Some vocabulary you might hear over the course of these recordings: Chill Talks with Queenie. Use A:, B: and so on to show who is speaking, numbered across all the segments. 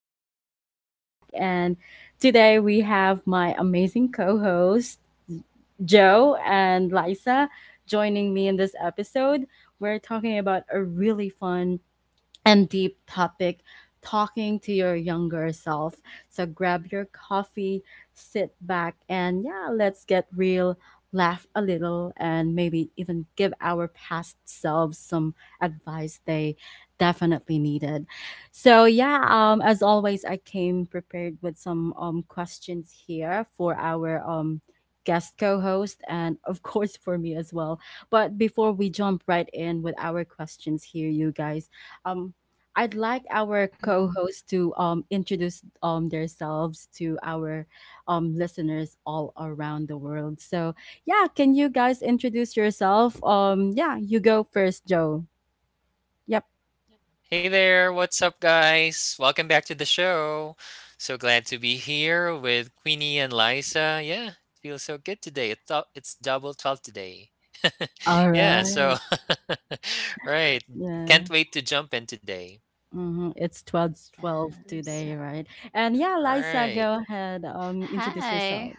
A: excited to be back. And today we have my amazing co host, Joe and Lisa, joining me in this episode. We're talking about a really fun and deep topic talking to your younger self. So grab your coffee, sit back, and yeah, let's get real, laugh a little, and maybe even give our past selves some advice they definitely needed. So yeah, as always, I came prepared with some questions here for our guest co-host and of course for me as well, but before we jump right in with our questions here you guys, um I'd like our co-hosts to introduce themselves to our listeners all around the world. So, yeah, can you guys introduce yourself? Yeah, you go first, Joe. Yep.
B: Hey there, what's up, guys? Welcome back to the show. So glad to be here with Queenie and Liza. Yeah, it feels so good today. It's double twelve today.
A: All
B: yeah, so
A: right.
B: right, can't
A: Yeah.
B: wait to jump in today.
A: It's 12/12
C: Yes.
A: today, right? And yeah, Liza,
B: Right,
A: go ahead. Introduce
C: Hi.
A: yourself.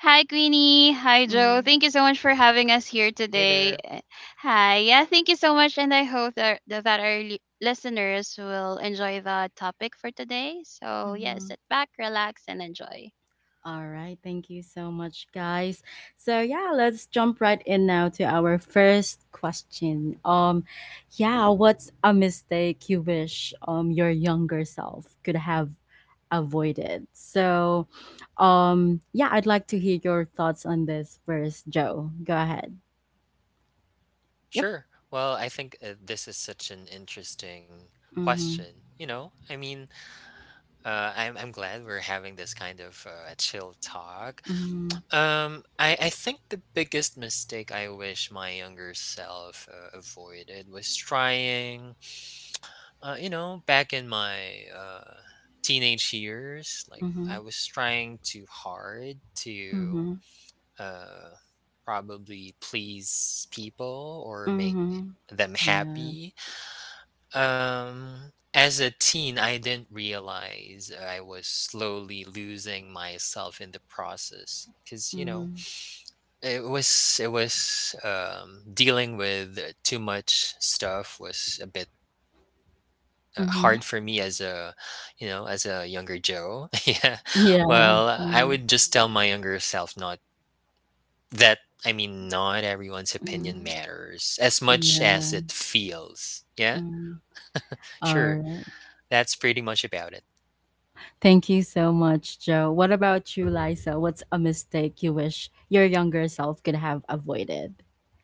C: Hi, Queenie. Hi, Joe.
A: Mm-hmm.
C: Thank you so much for having us here
B: hey
C: today.
B: there.
C: Hi. Yeah, thank you so much. And I hope that our listeners will enjoy the topic for today. So, yeah,
A: Mm-hmm.
C: sit back, relax, and enjoy.
A: All right, thank you so much, guys. So yeah, let's jump right in now to our first question. Yeah, what's a mistake you wish your younger self could have avoided? So, yeah, I'd like to hear your thoughts on this first, Joe. Go ahead. Yep.
B: Sure. Well, I think this is such an interesting
A: Mhm.
B: question. I'm glad we're having this kind of a chill talk.
A: Mhm.
B: I think the biggest mistake I wish my younger self avoided was trying, back in my teenage years, like
A: Mhm.
B: I was trying too hard
A: Mhm.
B: to uh, probably please people or make
A: Mhm.
B: them
A: Yeah.
B: happy. As a teen, I didn't realize I was slowly losing myself in the process because
A: Mhm.
B: it was dealing with too much stuff was a bit
A: Mhm.
B: hard for me as a as a younger Joe. Yeah,
A: Yeah.
B: well, I
A: Mm-hmm.
B: would just tell my younger self not that Not everyone's
A: mm-hmm.
B: opinion
C: Hmm.
B: matters as much as
A: Yeah.
B: it feels. Yeah,
A: mm-hmm. All
B: sure,
A: right.
B: that's pretty much about it.
A: Thank you so much, Joe. What about you, Liza? What's a mistake you wish your younger self could have avoided?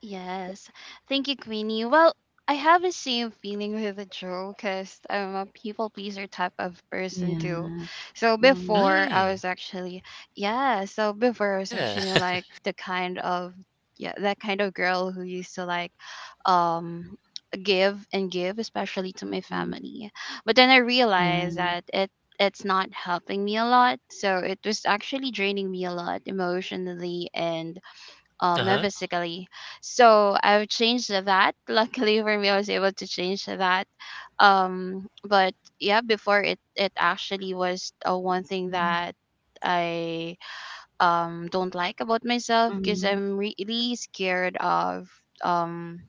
C: Yes. Thank you, Queenie. Well, I have the same feeling with the Joe because I'm a people pleaser type of person too.
A: Yeah.
C: So
A: Mm,
C: before I was
B: Hmm.
C: actually, Yeah, so before I was
B: Yeah.
C: actually like the kind of, yeah, that kind of girl who used to um, give and give, especially to my
A: mm,
C: family. But then I realized
A: yeah.
C: that it's not helping me a lot. So it was actually draining me a lot emotionally and
B: Uh
C: not
B: huh.
C: physically, so I've changed that. Luckily for me I was able to change that um but yeah, before, it actually was one thing
A: Mm,
C: that I don't like about myself, because
A: mm,
C: I'm really scared of um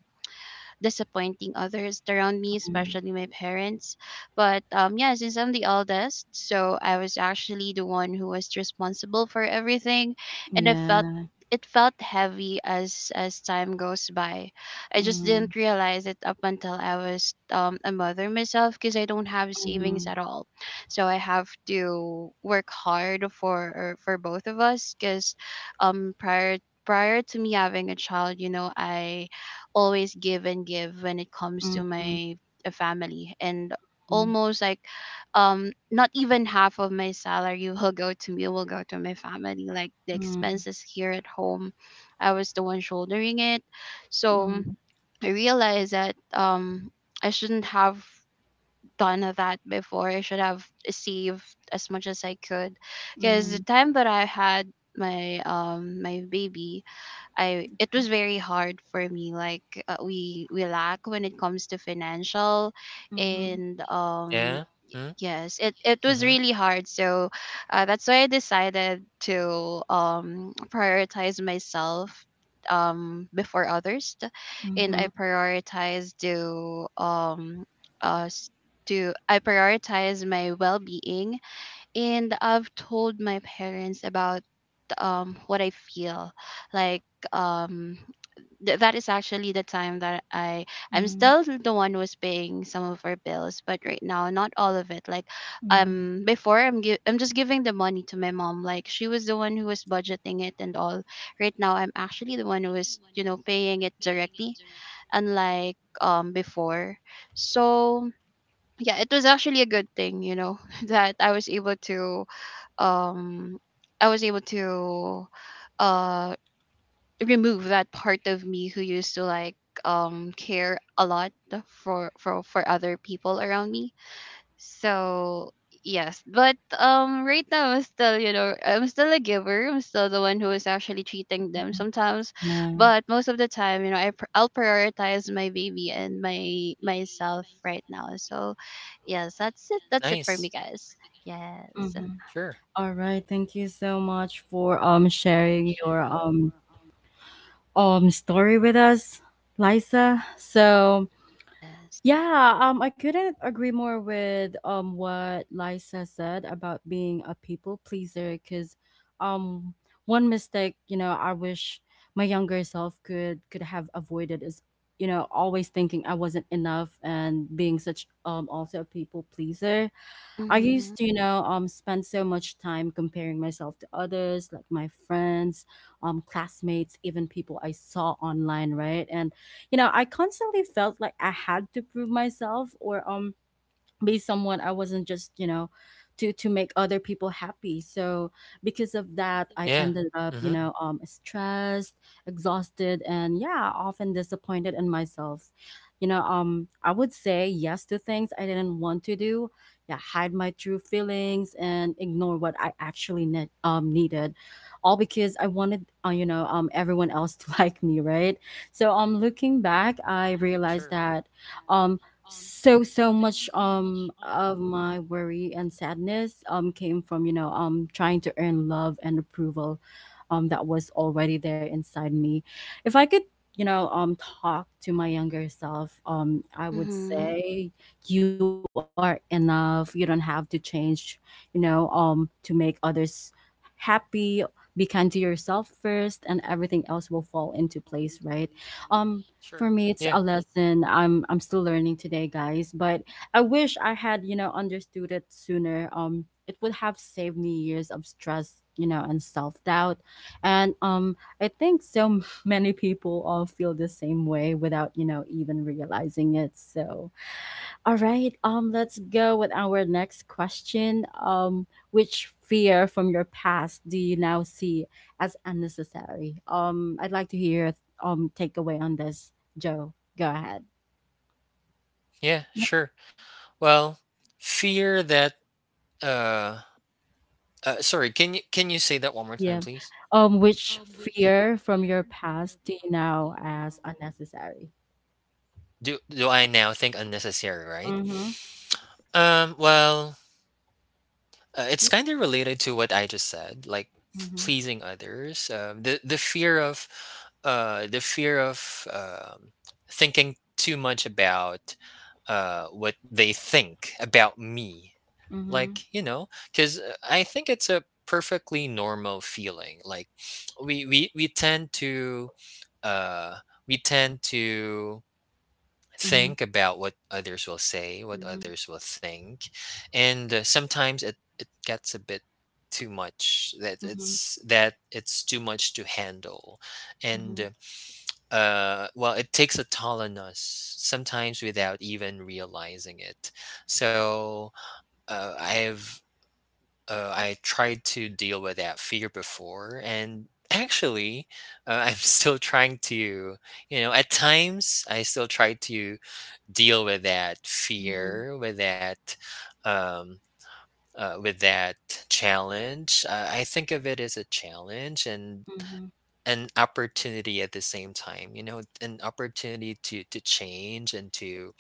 C: disappointing others around me, especially my parents. But yeah, since I'm the eldest, so I was actually the one who was responsible for everything, and I felt
A: yeah.
C: it felt heavy as time goes by. I just
A: Mm,
C: didn't realize it up until I was a mother myself, because I don't have savings
A: mm,
C: at all. So I have to work hard for both of us, because um prior prior to me having a child, you know, I always give and give when it comes to
A: mm,
C: my family, and
A: mm,
C: almost like not even half of my salary will go to my family, like the
A: mm,
C: expenses here at home. I was the one shouldering it. So
A: mm,
C: I realized that I shouldn't have done that before. I should have saved as much as I could,
A: mm,
C: because the
A: mm,
C: time that I had my my baby, I it was very hard for me. Like we lack when it comes to financial,
A: mhm,
C: and
B: Yeah. Hmm.
C: yes, it was
B: Mm-hmm.
C: really hard. So that's why I decided to prioritize myself before others, and I
A: mhm,
C: prioritize uh s- to I prioritize my well being, and I've told my parents about what I feel, like um that is actually the time that I'm
A: mm,
C: still the one who's paying some of our bills, but right now not all of it. Like
A: mm.
C: before I'm I'm just giving the money to my mom. Like she was the one who was budgeting it and all. Right now I'm actually the one who is, you know, paying it directly, unlike before. So yeah, it was actually a good thing, you know, that I was able to um I was able to uh remove that part of me who used to, like, care a lot for other people around me. So yes, but right now I'm still, you know, I'm still a giver. I'm still the one who is actually treating them sometimes,
A: Yeah.
C: but most of the time, you know, I'll prioritize my baby and my myself right now. So yes, that's it for
B: Nice.
C: me, guys. Yes.
A: Mm-hmm.
B: Sure.
A: All right. Thank you so much for sharing your story with us, Liza. So
C: Yes.
A: yeah, I couldn't agree more with what Liza said about being a people pleaser, because um one mistake, you know, I wish my younger self could have avoided is, you know, always thinking I wasn't enough and being such, also, a people pleaser. I used
C: Mm-hmm.
A: to, you know, spend so much time comparing myself to others, like my friends, classmates, even people I saw online, right? And you know, I constantly felt like I had to prove myself or be someone I wasn't, just, you know, to make other people happy. So because of that, I
B: Yeah.
A: ended up, you
B: Mm-hmm.
A: know, stressed, exhausted, and yeah, often disappointed in myself. You know, I would say yes to things I didn't want to do. Yeah, hide my true feelings and ignore what I actually needed. All because I wanted, you know, everyone else to like me, right? So looking back, I realized
B: Sure.
A: that um so much of my worry and sadness came from, you know, trying to earn love and approval that was already there inside me. If I could, you know, talk to my younger self, I would
C: Hmm.
A: say, you are enough, you don't have to change, you know, to make others happy. Be kind to yourself first and everything else will fall into place, right? um for
B: Sure.
A: me, it's a
B: Yeah.
A: lesson I'm still learning today, guys. But I wish I had, you know, understood it sooner. It would have saved me years of stress, you know, and self doubt. And I think so many people all feel the same way without, you know, even realizing it. So, all right, let's go with our next question. Which fear from your past do you now see as unnecessary? I'd like to hear takeaway on this. Joe, go ahead.
B: Yeah,
A: Yep.
B: sure. Well, fear that uh, sorry, can you say that one more time
A: Yeah.
B: please?
A: Which fear from your past do you now as unnecessary?
B: Do I now think unnecessary, right?
A: Mhm.
B: Um, well, it's kind of related to what I just said, like
A: Mhm.
B: pleasing others. Um, the fear of uh the fear of um thinking too much about what they think about me, like,
A: Mhm.
B: you know, because I think it's a perfectly normal feeling, like we tend to uh we tend to
A: Mhm.
B: think about what others will say, what
A: Mhm.
B: others will think, and sometimes it gets a bit too much
A: Mhm.
B: that it's too much to handle,
A: Mhm.
B: and well it takes a toll on us sometimes without even realizing it. So uh, I've I tried to deal with that fear before, and actually, I'm still trying to, you know, at times I still try to deal with that
A: Mhm.
B: fear, um, with that challenge. I think of it as a challenge and
A: Mhm.
B: an opportunity at the same time. You know, an opportunity to change and to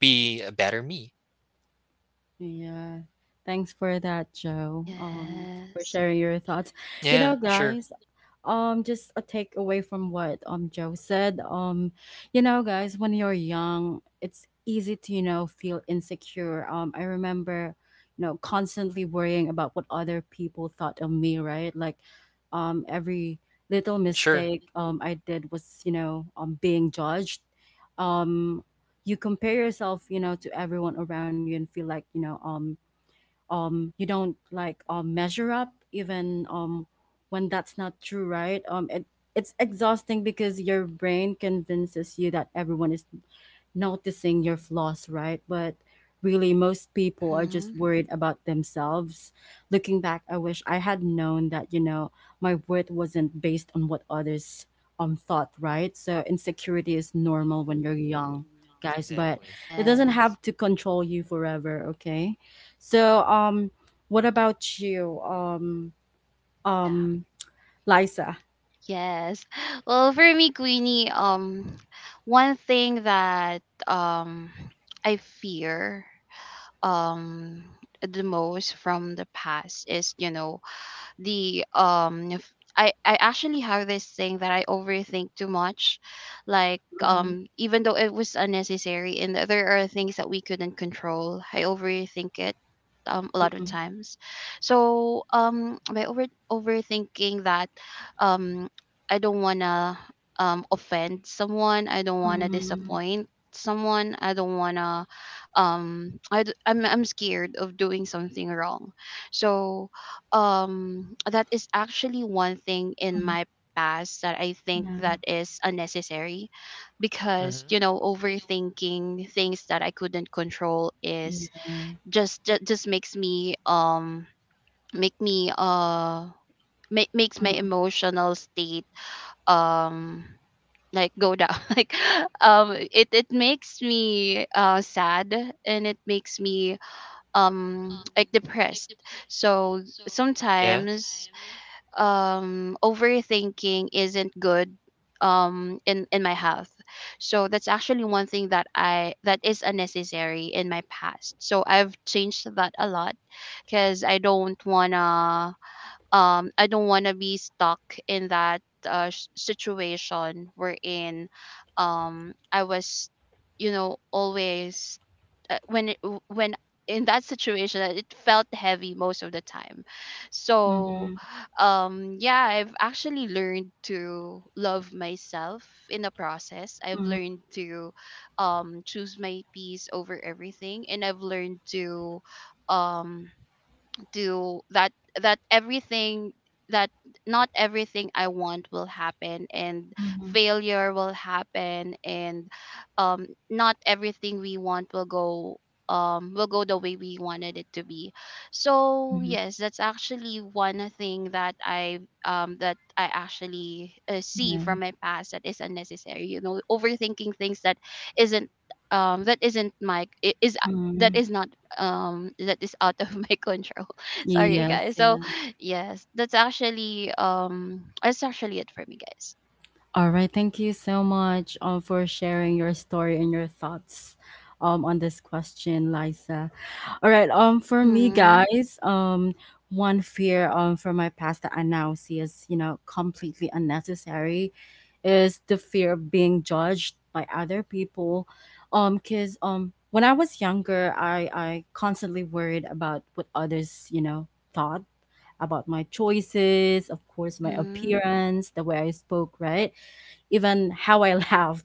B: be a better me.
A: Yeah. Thanks for that, Joe. For
C: Yes.
A: sharing your thoughts. You
B: Yeah,
A: know,
B: sure,
A: guys, just a takeaway from what Joe said, you know guys, when you're young it's easy to, you know, feel insecure. I remember, you know, constantly worrying about what other people thought of me, right? Like every little
B: sure,
A: mistake I did was, you know, being judged. um you compare yourself, you know, to everyone around you and feel like, you know, you don't like measure up, even when that's not true, right? It's exhausting because your brain convinces you that everyone is noticing your flaws, right? But really most people are just
C: Hmm.
A: worried about themselves. Looking back, I wish I had known that, you know, my worth wasn't based on what others thought, right? So insecurity is normal when you're young, guys, but
B: exactly.
A: it doesn't
C: Yes.
A: have to control you forever, okay? So, what about you,
C: Yeah.
A: um, Liza?
C: Yes. Well, for me, Queenie, one thing that um I fear um the most from the past is, you know, the um f- I actually have this thing that I overthink too much. Like,
A: Mm-hmm.
C: even though it was unnecessary and there are things that we couldn't control, I overthink it a lot of
A: Mhm.
C: times. So, by overthinking that, um, I don't wanna offend someone. I don't wanna disappoint someone. I don't wanna, I'm scared of doing something wrong. So um that is actually one thing in
A: Mm-hmm.
C: my past that I think
A: Yeah.
C: that is unnecessary, because
B: Mhm.
C: you know, overthinking things that I couldn't control is
A: Yeah.
C: just makes me make me uh makes my emotional state um like go down like it makes me sad, and it makes me like depressed. So
B: Yeah.
C: sometimes overthinking isn't good in my health. So that's actually one thing that I, that is unnecessary in my past, so I've changed that a lot, because I don't wanna I don't wanna be stuck in that situation wherein I was, you know, always, when in that situation that it felt heavy most of the time. So
A: Mm-hmm.
C: yeah, I've actually learned to love myself in the process. I've
A: Mm-hmm.
C: learned to choose my peace over everything, and I've learned um to that that everything that not everything I want will happen, and failure will happen, and not everything we want will go the way we wanted it to be. So
A: mhm,
C: yes, that's actually one thing that I actually, see
A: Yeah.
C: from my past that is unnecessary. You know, overthinking things isn't that isn't is that
A: Mm-hmm.
C: is not, that is out of my control. Sorry,
A: Yes,
C: guys. So
A: yes.
C: yes, that's actually, that's actually it for me, guys.
A: All right. Thank you so much for sharing your story and your thoughts on this question, Liza. All right. For me,
C: Mhm.
A: guys, one fear for my past that I now see as, you know, completely unnecessary is the fear of being judged by other people. Cause when I was younger, I constantly worried about what others, you know, thought about my choices, of course, my
C: Mhm.
A: appearance, the way I spoke, right? Even how I laughed.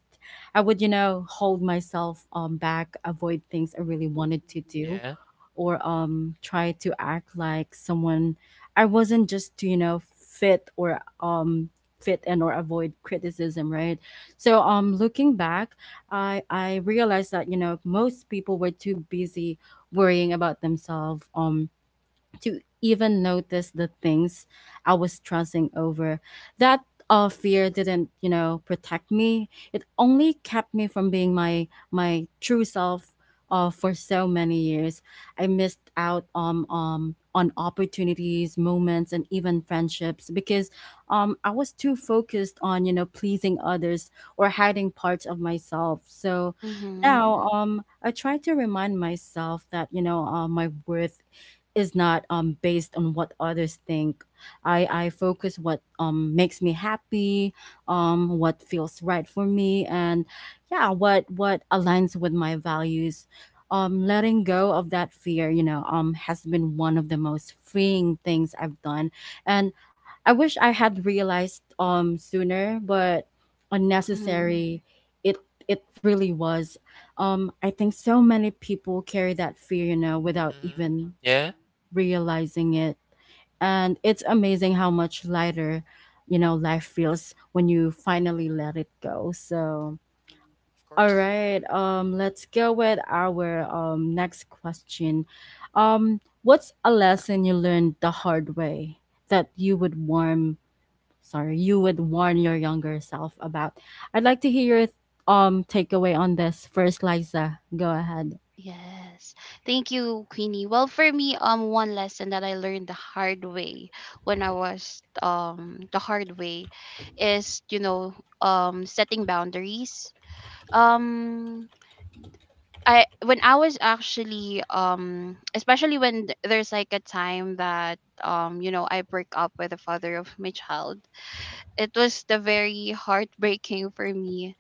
A: I would, you know, hold myself back, avoid things I really wanted to do,
B: Yeah.
A: or try to act like someone I wasn't, just to, you know, fit or fit and or avoid criticism, right? So looking back, I realized that, you know, most people were too busy worrying about themselves, to even notice the things I was stressing over. That fear didn't, you know, protect me. It only kept me from being my true self for so many years. I missed out on opportunities, moments, and even friendships because I was too focused on, you know, pleasing others or hiding parts of myself. So
C: Mhm.
A: now I try to remind myself that, you know, my worth is not based on what others think. I focus what makes me happy, what feels right for me, and yeah, what aligns with my values. Letting go of that fear, you know, has been one of the most freeing things I've done, and I wish I had realized sooner, but
C: Mhm.
A: unnecessary. It it really was. I think so many people carry that fear, you know, without
B: Mhm.
A: even
B: Yeah. Of
A: realizing it. And it's amazing how much lighter, you know, life feels when you finally let it go. So, all
B: course.
A: right, let's go with our next question. What's a lesson you learned the hard way that you would warn, sorry, you would warn your younger self about? I'd like to hear your takeaway on this first, Liza. Go ahead.
C: Yes. Thank you, Queenie. Well, for me, one lesson that I learned the hard way, when I was the hard way, is, you know, setting boundaries. Um, I When I was actually, especially when there's like a time that you know, I break up with the father of my child, it was the very heartbreaking for me,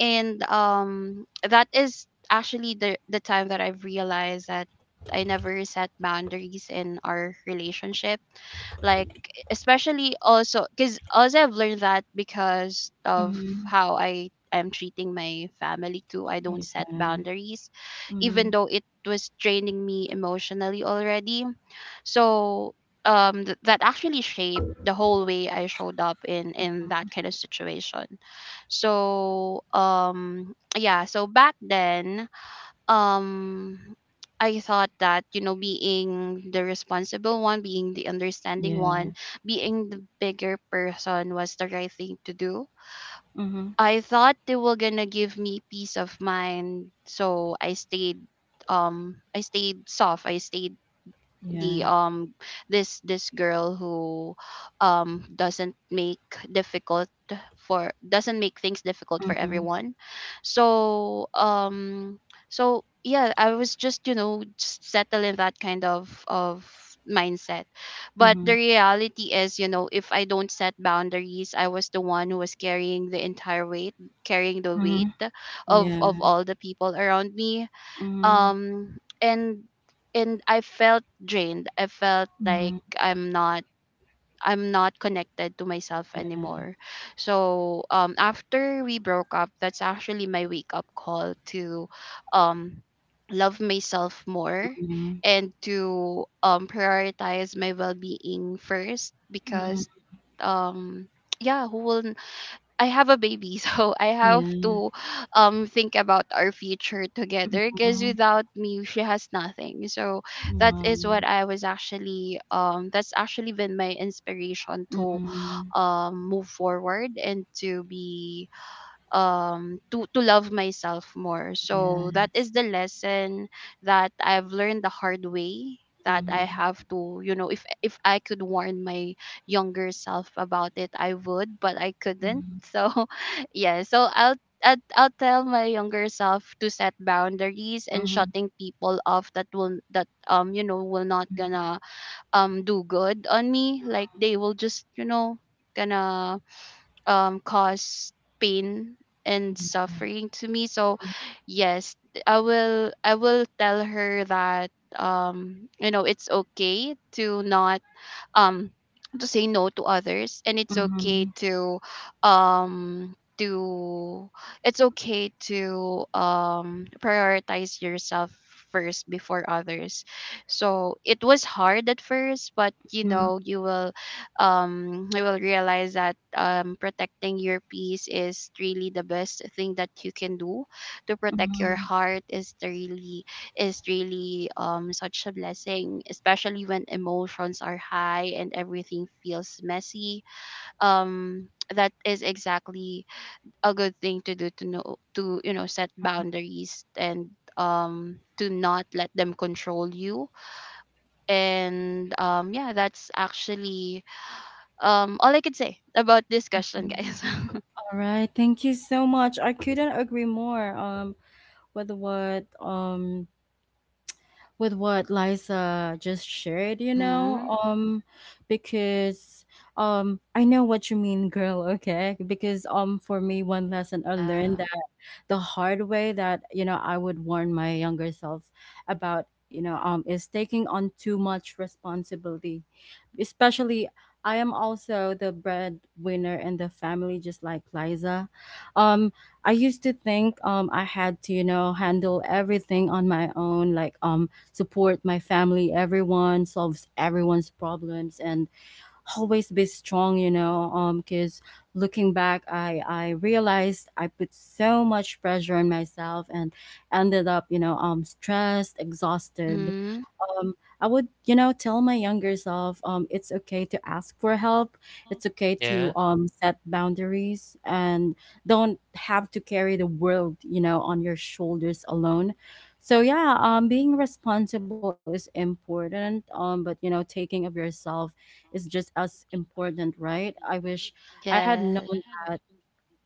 C: and that is actually the time that I've realized that I never set boundaries in our relationship, like, especially also because also I've learned that, because of
A: Mm-hmm.
C: how I am treating my family too. I don't
A: Yeah.
C: set boundaries, even
A: Mm-hmm.
C: though it was draining me emotionally already. So that actually shaped the whole way I showed up in that kind of situation. So yeah, so back then um I thought that, you know, being the responsible one, being the understanding
A: Yeah.
C: one, being the bigger person was the right thing to do.
A: Mm-hmm.
C: I thought they were gonna give me peace of mind, so I stayed soft, I stayed the
A: Yeah.
C: this girl who doesn't make difficult for doesn't make things difficult for
A: Mhm,
C: everyone. So yeah, I was just, you know, just settle in that kind of mindset. But the
A: mhm,
C: reality is, you know, if I don't set boundaries, I was the one who was carrying the entire weight carrying the weight
A: mhm.
C: of
A: Yeah.
C: all the people around me,
A: Mhm,
C: um and, I felt drained. I felt like
A: mhm.
C: I'm not connected to myself
A: Yeah.
C: anymore. So after we broke up, that's actually my wake up call to um love myself more,
A: Mhm,
C: and to prioritize my well-being first,
A: mhm.
C: because um yeah, who will I have a baby, so I have
A: Yeah.
C: to think about our future together, because
A: Mhm.
C: without me she has nothing. So that
A: Wow.
C: is what I was actually, that's actually been my inspiration to
A: Mhm.
C: move forward, and to be to love myself more. So that
A: Yes.
C: is the lesson that I've learned the hard way, that I
A: Mhm,
C: have to, you know, if I could warn my younger self about it I would, but I couldn't.
A: mhm,
C: So yeah, so I'll tell my younger self to set boundaries, and
A: mhm,
C: shutting people off that will, that you know, will not gonna do good on me. Like they will just, you know, gonna cause pain and
A: mhm.
C: suffering to me. So yes, I will tell her that, you know, it's okay to not um to say no to others, and it's okay
A: Mhm,
C: to um to it's okay to prioritize yourself first before others. So it was hard at first, but you
A: mhm,
C: know, you will realize that protecting your peace is really the best thing that you can do, to protect your
A: mhm.
C: heart, is to really such a blessing, especially when emotions are high and everything feels messy. Um, that is exactly a good thing to do, to know, to, you know, set boundaries, and to not let them control you. And yeah, that's actually, all I could say about this question, guys.
A: All right. Thank you so much. I couldn't agree more with what um with what Liza just shared, you know,
C: mm-hmm.
A: because I know what you mean, girl. Okay, because for me, one lesson I learned
C: Yeah.
A: that the hard way that, you know, I would warn my younger self about, you know, is taking on too much responsibility, especially. I am also the breadwinner in the family, just like Liza. Um, I used to think I had to, you know, handle everything on my own, like support my family, everyone, solves everyone's problems, and always be strong, you know. Because looking back, I realized I put so much pressure on myself and ended up, you know, stressed, exhausted.
C: Mm-hmm.
A: um, I would, you know, tell my younger self, it's okay to ask for help. It's okay to
B: Yeah.
A: set boundaries and don't have to carry the world, you know, on your shoulders alone. So yeah, being responsible is important, but you know, taking of yourself is just as important, right? I wish I had known
C: Yes.
A: that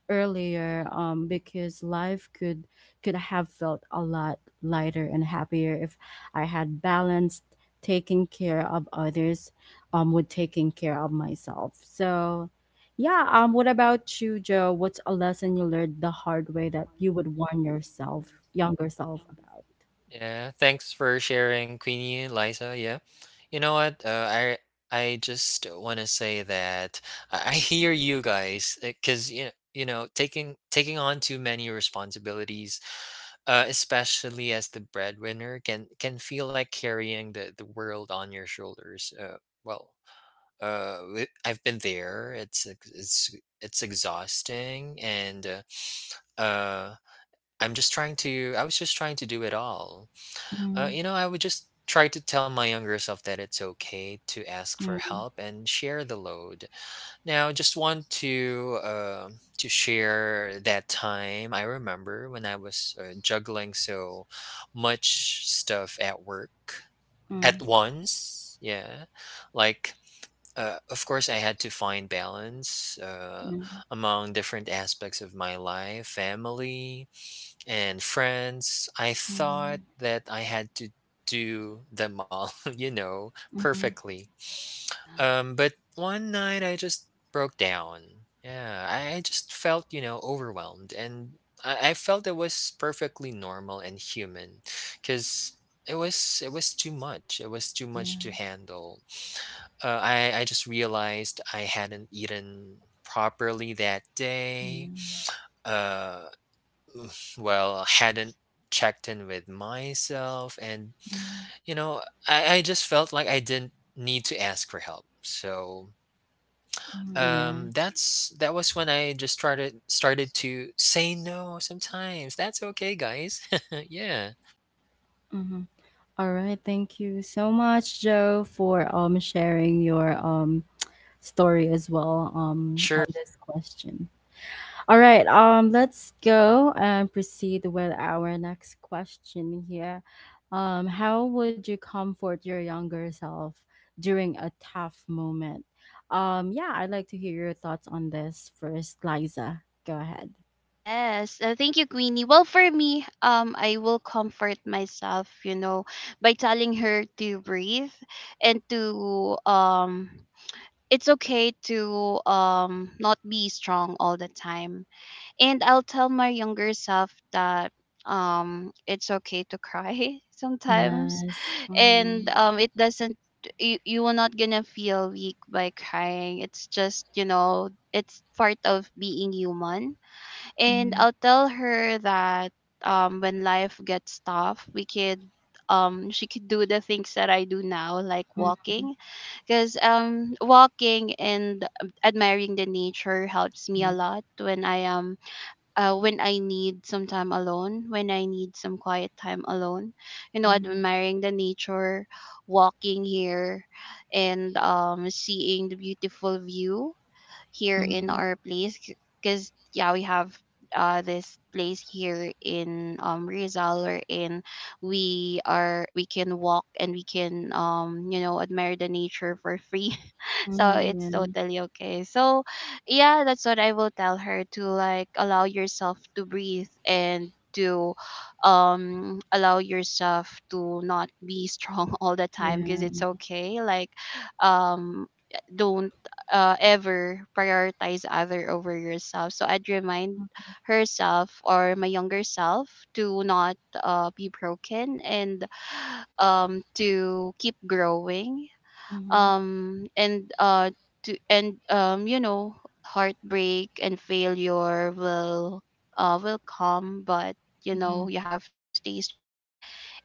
A: earlier because life could have felt a lot lighter and happier if I had balanced taking care of others with taking care of myself. So yeah, what about you, Joe? What's a lesson you learned the hard way that you would warn yourself, younger self about?
B: Yeah, thanks for sharing, Queenie, Liza. Yeah, you know what? I just want to say that I hear you guys because you know taking on too many responsibilities, especially as the breadwinner, can feel like carrying the world on your shoulders. Well, I've been there. It's ex- it's it's exhausting and uh uh, I'm just trying to. I was just trying to do it all.
A: Mm,
B: You know, I would just try to tell my younger self that it's okay to ask for
A: yeah.
B: help and share the load. Now I just want to share that time. I remember when I was juggling so much stuff at work at
A: Mm,
B: once. Yeah, like of course, I had to find balance
A: mm,
B: among different aspects of my life, family, and friends. I
A: mm,
B: thought that I had to do them all, you know,
A: mm,
B: perfectly.
C: Yeah.
B: But one night I just broke down. Yeah, I just felt, you know, overwhelmed. And I felt it was perfectly normal and human because. It was too much. It was too
A: yeah.
B: much to handle. I just realized I hadn't eaten properly that
A: Yeah.
B: day.
A: Mm,
B: Uh, well, hadn't checked in with myself, and you know, I just felt like I didn't need to ask for help. So
A: mm, yeah.
B: that's, that was when I just started to say no sometimes. That's okay, guys. Yeah,
A: Mm-hmm. All right, thank you so much, Joe, for sharing your story as well on
B: sure.
A: this question. All right, let's go and proceed with our next question here. How would you comfort your younger self during a tough moment? Yeah, I'd like to hear your thoughts on this first, Liza. Go ahead.
C: Yes, thank you, Queenie. Well, for me, I will comfort myself, you know, by telling her to breathe, and to, it's okay to not be strong all the time. And I'll tell my younger self that, it's okay to cry sometimes,
A: Yes. Mm-hmm.
C: and it doesn't. You will not gonna feel weak by crying. It's just it's part of being human, and
A: Mm-hmm.
C: I'll tell her that when life gets tough, we could she could do the things that I do now, like
A: Mm-hmm.
C: walking, because walking and admiring the nature helps me a
A: Yeah.
C: lot when I am when I need some time alone, when I need some quiet time alone, you know,
A: Mm-hmm.
C: admiring the nature, walking here, and seeing the beautiful view here in
A: Mm-hmm.
C: our place because yeah, we have this place here in Rizal in we are we can walk and we can you know admire the nature for free. So it's
A: Mm-hmm.
C: totally okay. So yeah, that's what I will tell her, to like allow yourself to breathe and to allow yourself to not be strong all the time,
A: Yeah.
C: because it's okay. Like um don't ever prioritize other over yourself. So I'd remind herself or my younger self to not be broken, and to keep growing
A: Mhm,
C: and to and you know, heartbreak and failure will come, but you know,
A: mhm,
C: you have to stay strong.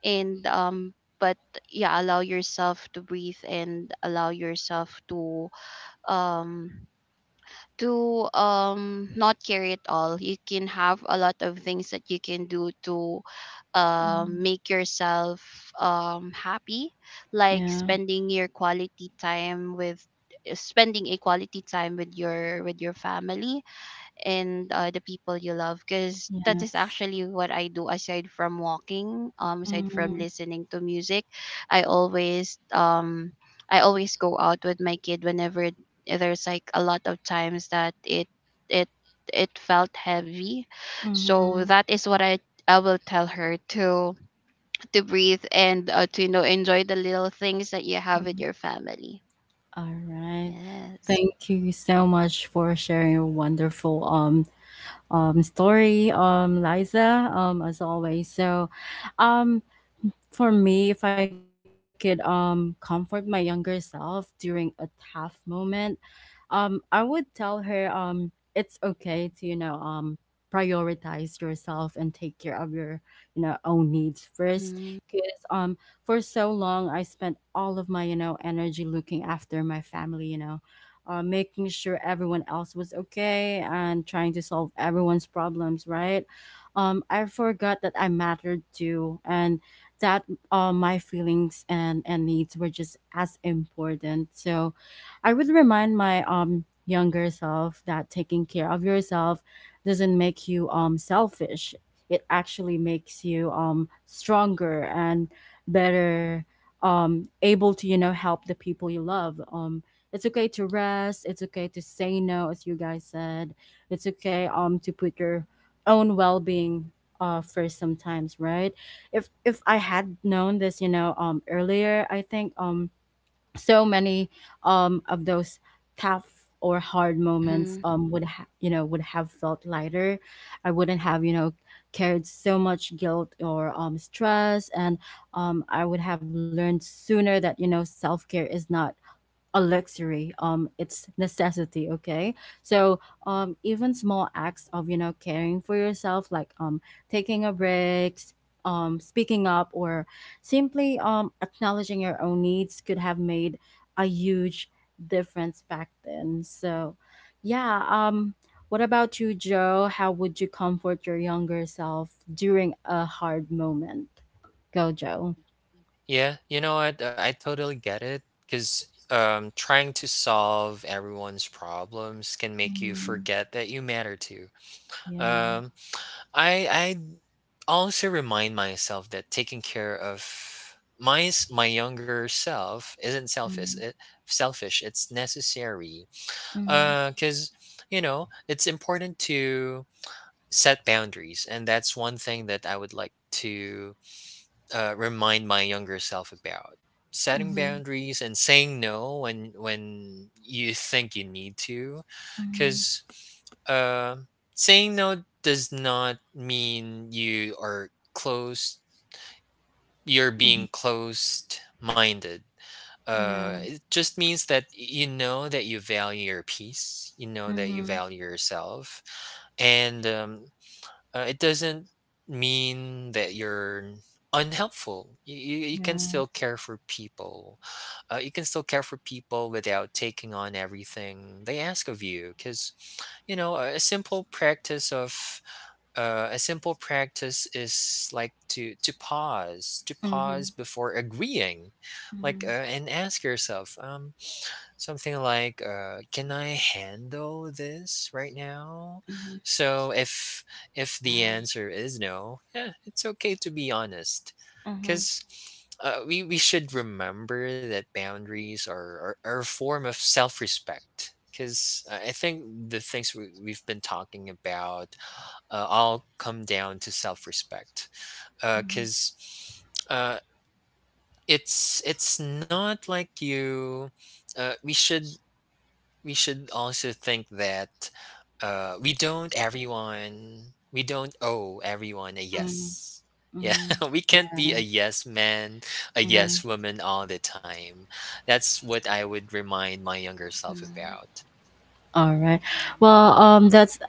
C: And um but yeah, allow yourself to breathe and allow yourself to um not carry it all. You can have a lot of things that you can do to
A: Mm.
C: make yourself happy, like
A: Yeah.
C: spending your quality time with spending a quality time with your family and the people you love, because that is
A: Yes.
C: actually what I do aside from walking, aside from
A: mhm,
C: listening to music. I always I always go out with my kid whenever there's like a lot of times that it it felt heavy. So
A: mhm,
C: that is what I will tell her, to breathe and to you know enjoy the little things that you have with
A: mhm.
C: your family.
A: All right.
C: Yes.
A: Thank you so much for sharing your wonderful story, Liza, as always. So, um for me, if I could comfort my younger self during a tough moment, I would tell her it's okay to prioritize yourself and take care of your own needs first
C: Mhm.
A: because for so long I spent all of my energy looking after my family making sure everyone else was okay and trying to solve everyone's problems, right? I forgot that I mattered too, and that my feelings and needs were just as important. So I would remind my younger self that taking care of yourself doesn't make you selfish. It actually makes you stronger and better able to help the people you love. It's okay to rest, it's okay to say no, as you guys said. It's okay to put your own well-being first sometimes, right? If I had known this, you know, earlier, I think so many, of those tough or hard moments
C: Mhm.
A: um, would ha- you know would have felt lighter. I wouldn't have, you know, carried so much guilt or, stress, and, I would have learned sooner that, you know, self care is not a luxury, it's necessity, okay? So even small acts of, you know, caring for yourself, like taking a speaking up, or simply acknowledging your own needs could have made a huge difference back then. So yeah, what about you, Joe? How would you comfort your younger self during a hard moment? Go, Joe.
B: Yeah, you know what? I totally get it because trying to solve everyone's problems can make you
A: Mm,
B: forget that you matter too.
A: yeah,
B: Um, I also remind myself that taking care of my younger self isn't selfish.
A: mm,
B: It selfish. It's necessary.
A: mm,
B: Because you know it's important to set boundaries, and that's one thing that I would like to remind my younger self about: setting
A: mhm.
B: boundaries and saying no when you think you need to,
A: Mhm,
B: because uh, saying no does not mean you're
A: mhm,
B: being closed minded
A: yeah,
B: It just means that you know that you value your peace, you know that you
A: mhm,
B: value yourself, and it doesn't mean that you're unhelpful. You can
A: yeah.
B: still care for people. You can still care for people without taking on everything they ask of you, because you know a simple practice of a simple practice is like to
A: Yes.
B: pause
A: Mhm,
B: before agreeing, like,
A: mhm,
B: and ask yourself something like, can I handle this right now?
A: mhm,
B: So if the
C: Yeah.
B: answer is no, yeah, it's okay to be honest,
A: mhm,
B: because we should remember that boundaries are a form of self-respect, because I think the things we've been talking about all come down to self-respect.
A: mhm,
B: Because uh, it's not like you. uh, we should we should also think that we don't owe everyone a
A: mhm,
B: yes. Yeah,
A: mhm.
B: we can't be a
A: Yes.
B: yes man, a
A: Mm,
B: yes woman all the time. That's what I would remind my younger self
C: Mhm.
B: about.
A: all right. Well, that's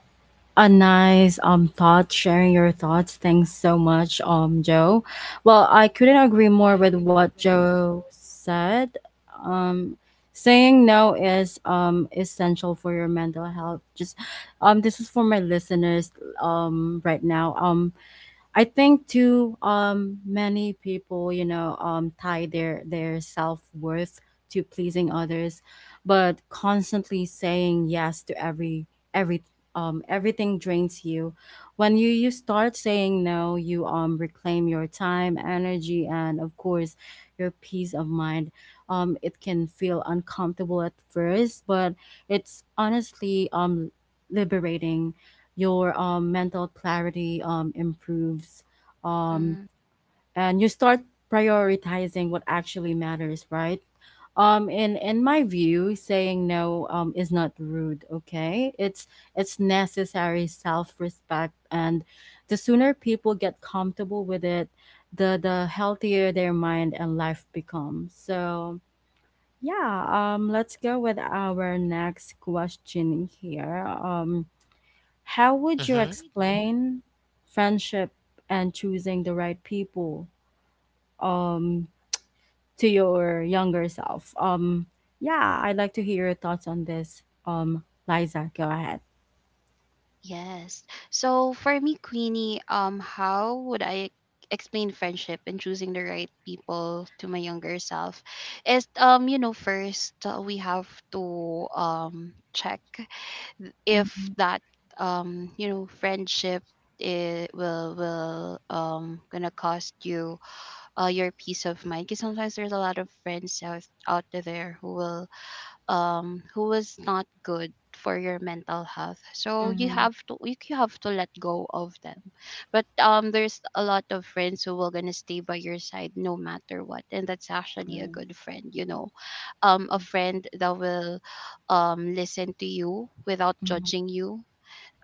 A: a nice thought, sharing your thoughts. Thanks so much, Joe. Well, I couldn't agree
B: Yeah,
A: more with what
B: yeah.
A: Joe said. Um, saying no is essential for your mental health. Just this is for my listeners right now. I think too many people, you know, tie their self-worth to pleasing others, but constantly saying yes to every everything drains you. When you start saying no, you reclaim your time, energy, and of course your peace of mind. Um, it can feel uncomfortable at first, but it's honestly liberating. Your, mental clarity, improves um,
C: Mhm.
A: and you start prioritizing what actually matters, right? In my view, saying no is not rude, okay? It's necessary self-respect, and the sooner people get comfortable with it, the healthier their mind and life becomes. So yeah, let's go with our next question here. How would you
B: Mm-hmm.
A: explain friendship and choosing the right people, um, to your younger self? Yeah, I'd like to hear your thoughts on this. Liza, go ahead.
C: Yes. So for me, Queenie, how would I explain friendship and choosing the right people to my younger self? Is you know, first we have to check if
A: Mm-hmm,
C: that you know, friendship, it will gonna cost you your peace of mind, because sometimes there's a lot of friends out there who will who is not good for your mental health, so you
A: mm-hmm,
C: have to have to let go of them. But there's a lot of friends who will gonna stay by your side no matter what, and that's actually a good friend, you know, a friend that will listen to you without
A: mm-hmm,
C: judging you,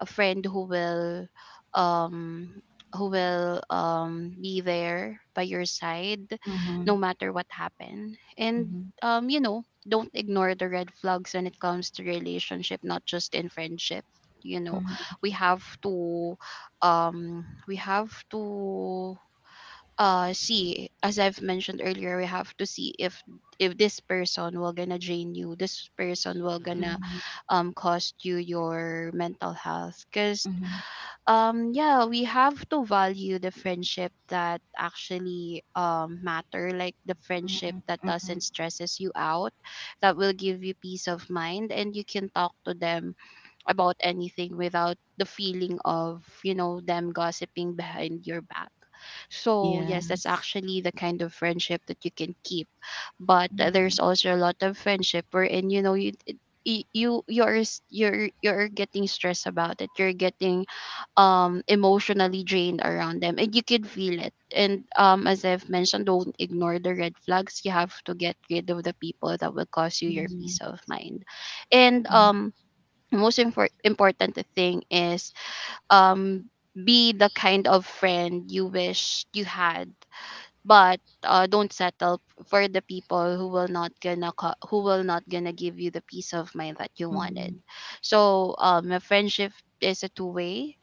C: a friend who will um be there by your side
A: mm-hmm,
C: no matter what happen. And
A: mm-hmm,
C: you know, don't ignore the red flags when it comes to relationship, not just in friendship. You know,
A: mm-hmm,
C: we have to um we have to see, as I've mentioned earlier, we have to see if this person will gonna drain you, this person will gonna
A: mm-hmm,
B: Mm-hmm.
C: cost you your mental health. Because yeah, we have to value the friendship that actually matter, like the
A: mm-hmm,
C: friendship that
A: mm-hmm.
C: doesn't stresses you out, that will give you peace of mind, and you can talk to them about anything without the feeling of, you know, them gossiping behind your back. So yes, that's
A: Yes.
C: actually the kind of friendship that you can keep. But
A: Mm-hmm,
C: there's also a lot of friendship wherein, you know, y- you you're you're getting stressed about it, you're getting emotionally drained around them, and you can feel it. And as I've mentioned, don't ignore the red flags. You have to get rid of the people that will cause you your peace
A: mm-hmm,
C: of mind. And most impor- important thing is um be the kind of friend you wish you had. But don't settle for the people who will not gonna co- who will not gonna give you the peace of mind that you
A: mm-hmm,
C: wanted. So a friendship is a two way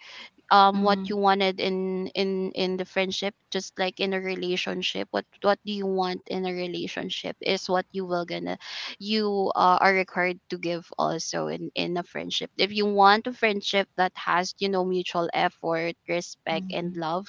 C: what
A: mm-hmm,
C: you wanted in the friendship, just like in a relationship. What do you want in a relationship is what you will gonna you are required to give also in a friendship. If you want a friendship that has you know mutual effort, respect and
A: mm-hmm,
C: love,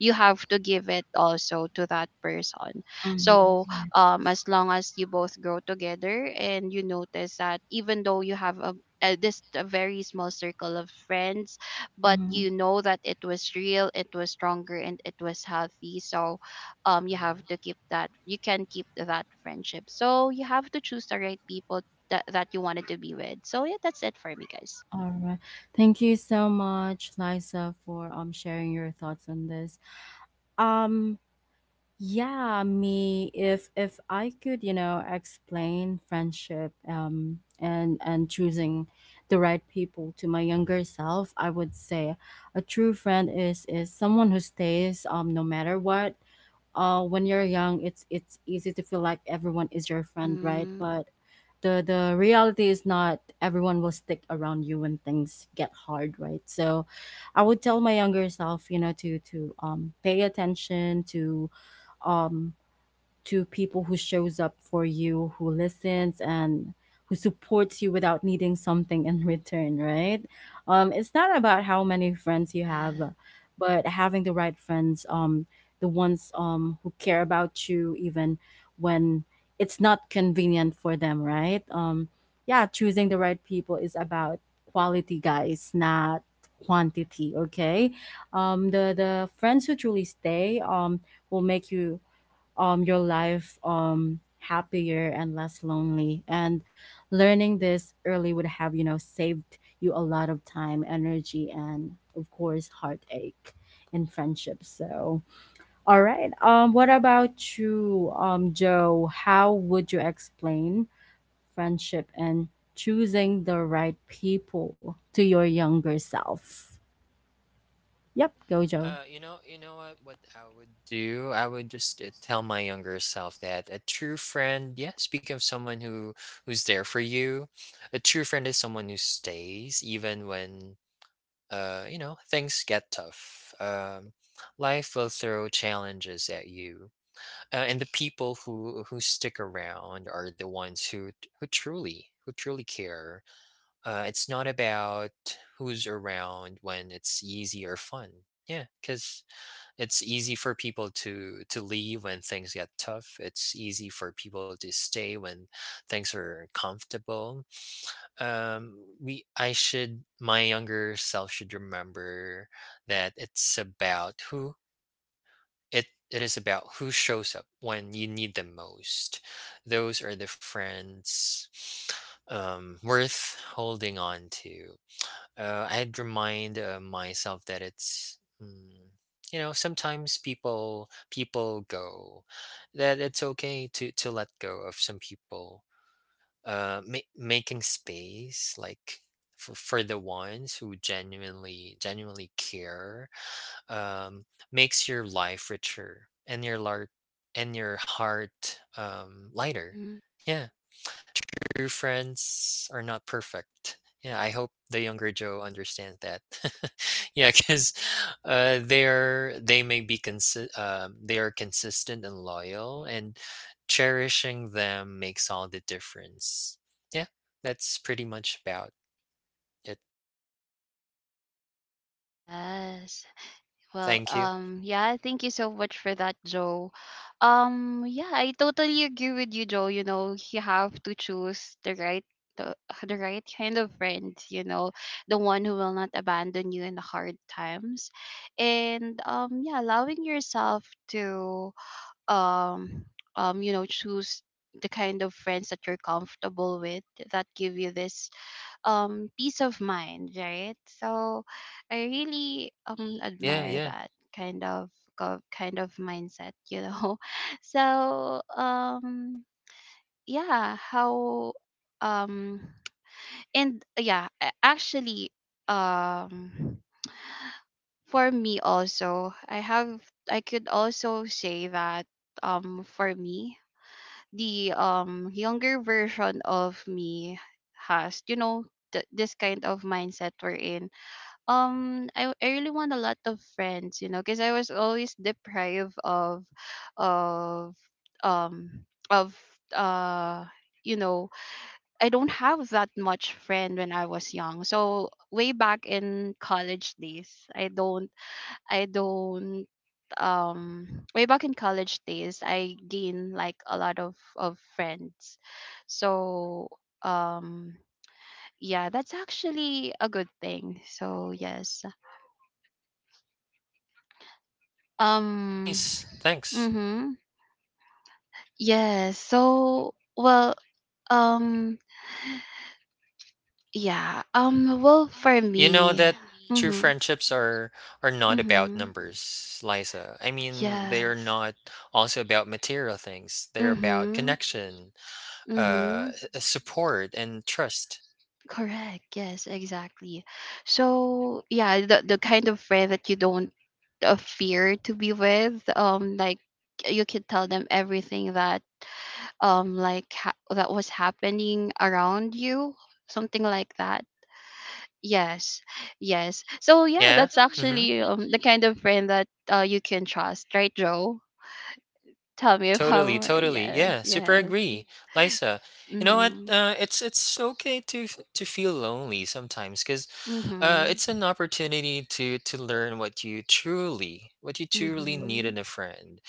C: you have to give it also to that person. So
A: mm-hmm,
C: as long as you both grow together, and you notice that even though you have a this a very small circle of friends, but you
A: yeah.
C: know that it was real, it was stronger, and it was healthy. So you have to
B: Mm-hmm.
C: keep that. You can keep that friendship. So you have to choose the right people that that you wanted to be with. So yeah, that's it for me, guys.
A: All right. Thank you so much, Liza, for sharing your thoughts on this. Um yeah, me, if I could, you know, explain friendship and choosing the right people to my younger self, I would say a true friend is someone who stays no matter what. Uh, when you're young, it's easy to feel like everyone is your friend, right?
C: Mm-hmm.
A: But the reality is not everyone will stick around you when things get hard, right? So I would tell my younger self, you know, to pay attention to um people who shows up for you, who listens and who supports you without needing something in return, right? It's not about how many friends you have,
C: Yeah.
A: but having the right friends, the ones who care about you even when it's not convenient for them, right? Yeah, choosing the right people is about quality, guys, not quantity. Okay, the friends who truly stay will make you your life happier and less lonely, and learning this early would have, you know, saved you a lot of time, energy, and of course heartache in friendships. So all right, what about you, Joe? How would you explain friendship and choosing the right people to your younger self? Yep, go, Joe.
B: You know what? What I would do, I would just tell my younger self that a true friend, yeah, speak of someone who who's there for you. A true friend is someone who stays even when you know, things get tough. Life will throw challenges at you, and the people who stick around are the ones who truly care. It's not about who's around when it's easy or fun. Yeah, because it's easy for people to leave when things get tough. It's easy for people to stay when things are comfortable. Um, we I, should my younger self should remember that it's about who it it is about who shows up when you need them most. Those are the friends worth holding on to. I'd remind myself that it's, you know, sometimes people people go that it's okay to let go of some people, making space, like, for the ones who genuinely care. Um, makes your life richer, and and your heart lighter.
C: Mm-hmm.
B: Yeah, true friends are not perfect. Yeah, I hope the younger Joe understands that. Yeah, because they're they may be consi- they are consistent and loyal, and cherishing them makes all the difference. Yeah, that's pretty much about it.
C: Yes. Well,
B: Thank you.
C: yeah, thank you so much for that, Joe. Yeah, I totally agree with you, Joe. You know, you have to choose the, the right kind of friend, you know, the one who will not abandon you in the hard times. And yeah, allowing yourself to um you know, choose the kind of friends that you're comfortable with, that give you this peace of mind, right? So I really
B: Yeah,
C: admire
B: yeah.
C: that kind of go- kind of mindset, you know. So yeah how um and yeah, actually um for me also, I have I could also say that for me, the younger version of me has, you know, this kind of mindset we're in. I really want a lot of friends, you know, because I was always deprived of of um of uh you know, I don't have that much friend when I was young. So way back in college days, I don't I don't um way back in college days, I gained like a lot of friends. So um yeah, that's actually a good thing. So yes. Um,
B: Nice. Thanks.
C: mhm. Yes. So, well, um, yeah. Well, for
B: You know
C: me,
B: that true
C: mhm.
B: friendships are not about
C: Mhm.
B: numbers, Liza. I mean, they are
C: Yes.
B: not also about material things. They're about
C: Mhm.
B: connection,
C: Mhm.
B: support, and trust.
C: Correct. Yes, exactly. So, yeah, the kind of friend that you don't fear to be with, like you can tell them everything that that was happening around you, something like that. Yes, yes. So yeah,
B: Yeah.
C: that's
B: Mm-hmm.
C: actually the kind of friend that you can trust, right, Joe? Tell me if I'm
B: Totally,
C: right.
B: totally.
C: Yes,
B: Yeah, super
C: yes.
B: agree, Lisa. You know what?
C: Mhm,
B: It's okay to feel lonely sometimes.
C: mhm,
B: It's an opportunity to learn what you truly, what you truly need
C: mhm,
B: in a friend.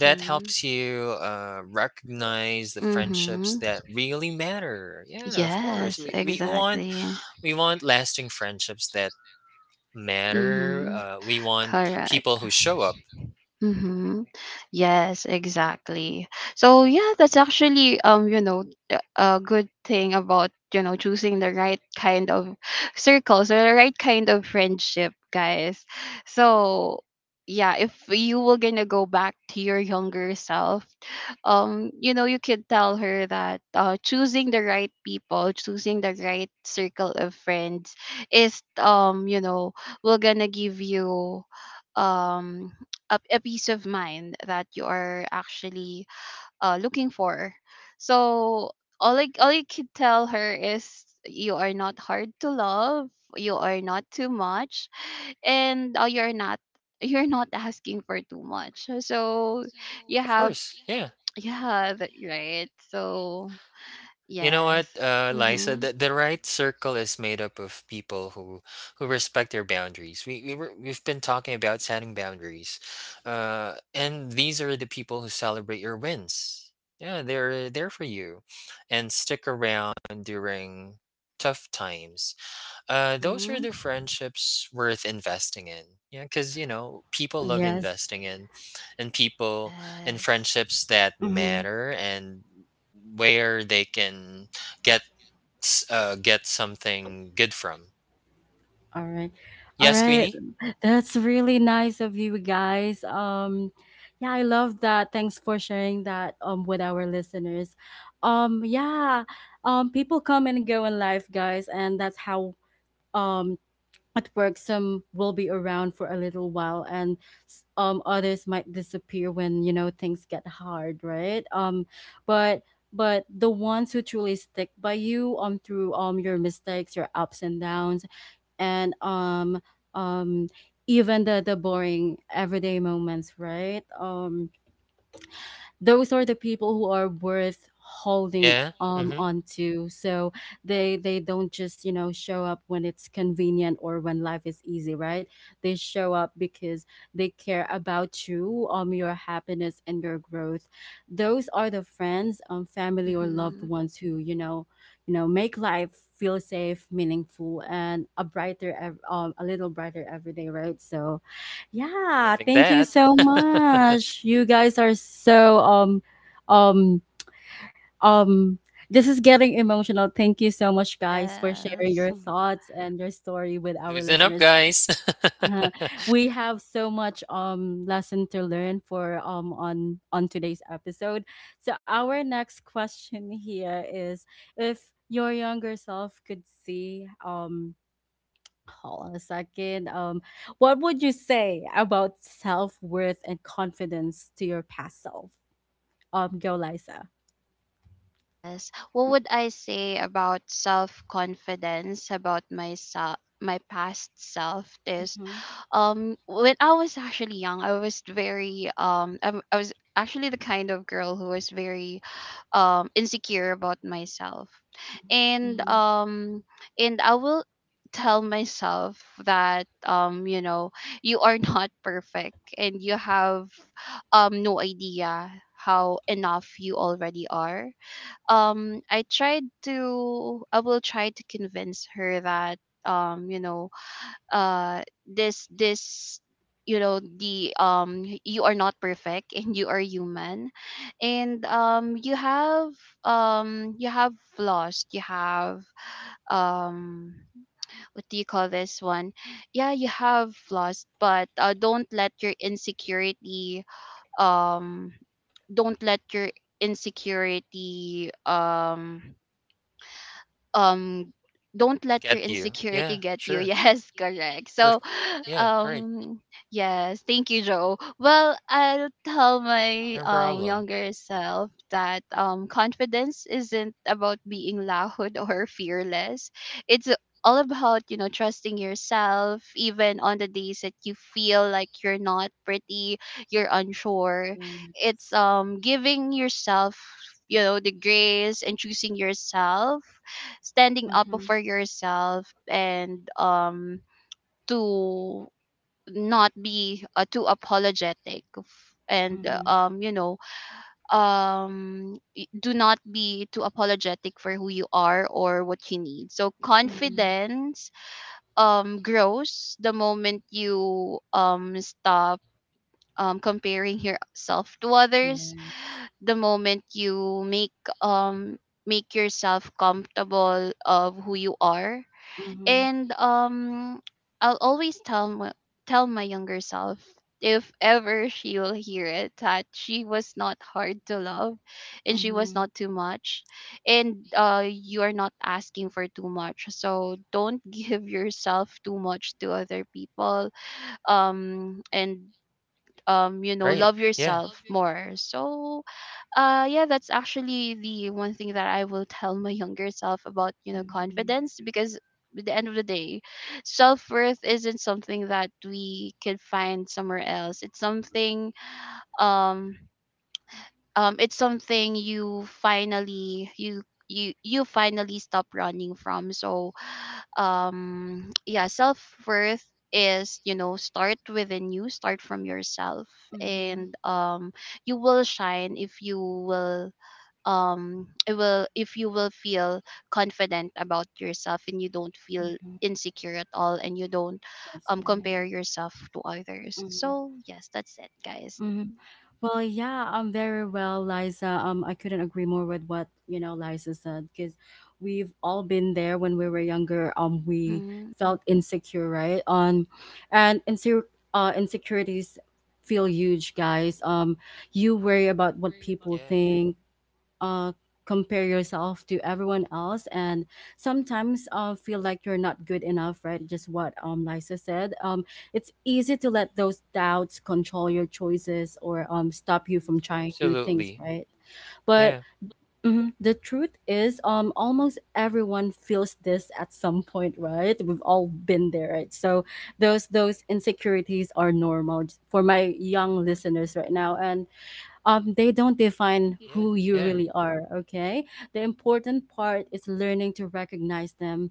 B: That helps you recognize the friendships
C: mhm.
B: that really matter. Yeah, of course.
C: Yes, exactly.
B: We want lasting friendships that matter.
C: Mhm.
B: We want people
C: Correct.
B: who show up.
C: Mm-hmm. Yes, exactly. So yeah, that's actually you know, a good thing about you know choosing the right kind of circles or the right kind of friendship, guys. So yeah, if you were gonna go back to your younger self, you know, you could tell her that choosing the right people, choosing the right circle of friends is you know will gonna give you um a peace of mind that you are actually looking for. So all I, all I could tell her is you are not hard to love, you are not too much, and you're not you're not asking for too much. So you
B: Of
C: have
B: course. Yeah.
C: yeah that, right. So
B: You know
C: yes.
B: what, Liza,
C: Mhm.
B: the right circle is made up of people who respect their boundaries. We've been talking about setting boundaries, and these are the people who celebrate your wins. Yeah, they're there for you, and stick around during tough times. Those are the
C: Mm-hmm.
B: friendships worth investing in. Yeah, because you know people love
A: Yes.
B: investing in, and people in
C: Yes.
B: friendships that matter, and where they can get get something good from.
A: All right. All
B: Yes,
A: right.
B: Queenie.
A: That's really nice of you guys. Yeah, I love that. Thanks for sharing that with our listeners. Yeah, people come and go in life, guys, and that's how um it works. Some will be around for a little while, and others might disappear when, you know, things get hard, right? But but the ones who truly stick by you through your mistakes, your ups and downs, and um even the boring everyday moments, right? Those are the people who are worth holding
B: Yeah. Mm-hmm.
A: onto. So they don't just, you know, show up when it's convenient or when life is easy, right? They show up because they care about you, your happiness and your growth. Those are the friends, family, or loved
C: Mhm.
A: ones who, you know, make life feel safe, meaningful, and a a little brighter every day, right? So yeah,
B: Loving
A: thank you
B: that.
A: so much. You guys are so um um this is getting emotional. Thank you so much, guys, for sharing
C: Yes.
A: your thoughts and your story with our
B: Loosen up,
A: listeners.
B: guys.
A: Uh, we have so much lesson to learn for on today's episode. So our next question here is, if your younger self could see Hold on a second. What would you say about self worth and confidence to your past self? Go, Liza.
C: Yes. What would I say about self confidence about myself, my past self? Is
A: Mm-hmm.
C: when I was actually young, I was very I was actually the kind of girl who was very insecure about myself. And
A: Mm-hmm.
C: I will tell myself that you know, you are not perfect, and you have no idea how enough you already are. I tried to I will try to convince her that you know, uh this this you know, the you are not perfect and you are human, and you have flaws, you have um what do you call this one, yeah, you have flaws. But don't let your insecurity um don't let your insecurity um um don't let
B: Get
C: your
B: you. Yeah.
C: insecurity get you
B: Sure.
C: yes correct. So
B: Perfect. Yeah. Right.
C: um yes, thank you, Joe. Well, I'll tell my
B: No problem.
C: younger self that confidence isn't about being loud or fearless. It's all about, you know, trusting yourself even on the days that you feel like you're not pretty, you're unsure. It's
A: Yes.
C: giving yourself, you know, the grace and choosing yourself, standing up
A: Mm-hmm.
C: for yourself, and to not be too apologetic, and
A: Mm-hmm.
C: you know, do not be too apologetic for who you are or what you need. So
A: Mm-hmm.
C: confidence grows the moment you stop comparing yourself to others,
A: Yeah.
C: the moment you make um make yourself comfortable of who you are.
A: Mm-hmm.
C: And I'll always tell my younger self, if ever she will hear it, that she was not hard to love and she was
A: Mm-hmm.
C: not too much, and you are not asking for too much. So don't give yourself too much to other people. And you know,
B: Right.
C: love
B: Yeah.
C: yourself more. So yeah, that's actually the one thing that I will tell my younger self about, you know,
A: Mm-hmm.
C: confidence, because at the end of the day, self worth isn't something that we can find somewhere else. Um it's something you finally stop running from. So yeah, self worth is, you know, start within, you start from yourself. And
A: Mm-hmm.
C: you will shine if you will it will if you will feel confident about yourself, and you don't feel
A: Mm-hmm.
C: insecure at all, and you don't
A: That's
C: compare
A: right.
C: yourself to others.
A: Mm-hmm.
C: So yes, that's it, guys.
A: Well, yeah, very well, Liza. I couldn't agree more with what, you know, Liza said because we've all been there when we were younger. We
C: Mm-hmm,
A: felt insecure, right? On, and insecure, insecurities feel huge, guys. You worry about what people
B: Yeah, yeah.
A: think, uh, compare yourself to everyone else, and sometimes feel like you're not good enough, right? Just what Lisa said. It's easy to let those doubts control your choices or stop you from trying new
B: Absolutely.
A: things, right?
B: Right? Yeah.
A: But
B: Right?
A: mhm, the truth is, almost everyone feels this at some point, right? We've all been there, right? So those insecurities are normal, for my young listeners right now, and they don't define
B: get Yeah.
A: who you
B: Yeah.
A: really are, okay? The important part is learning to recognize them,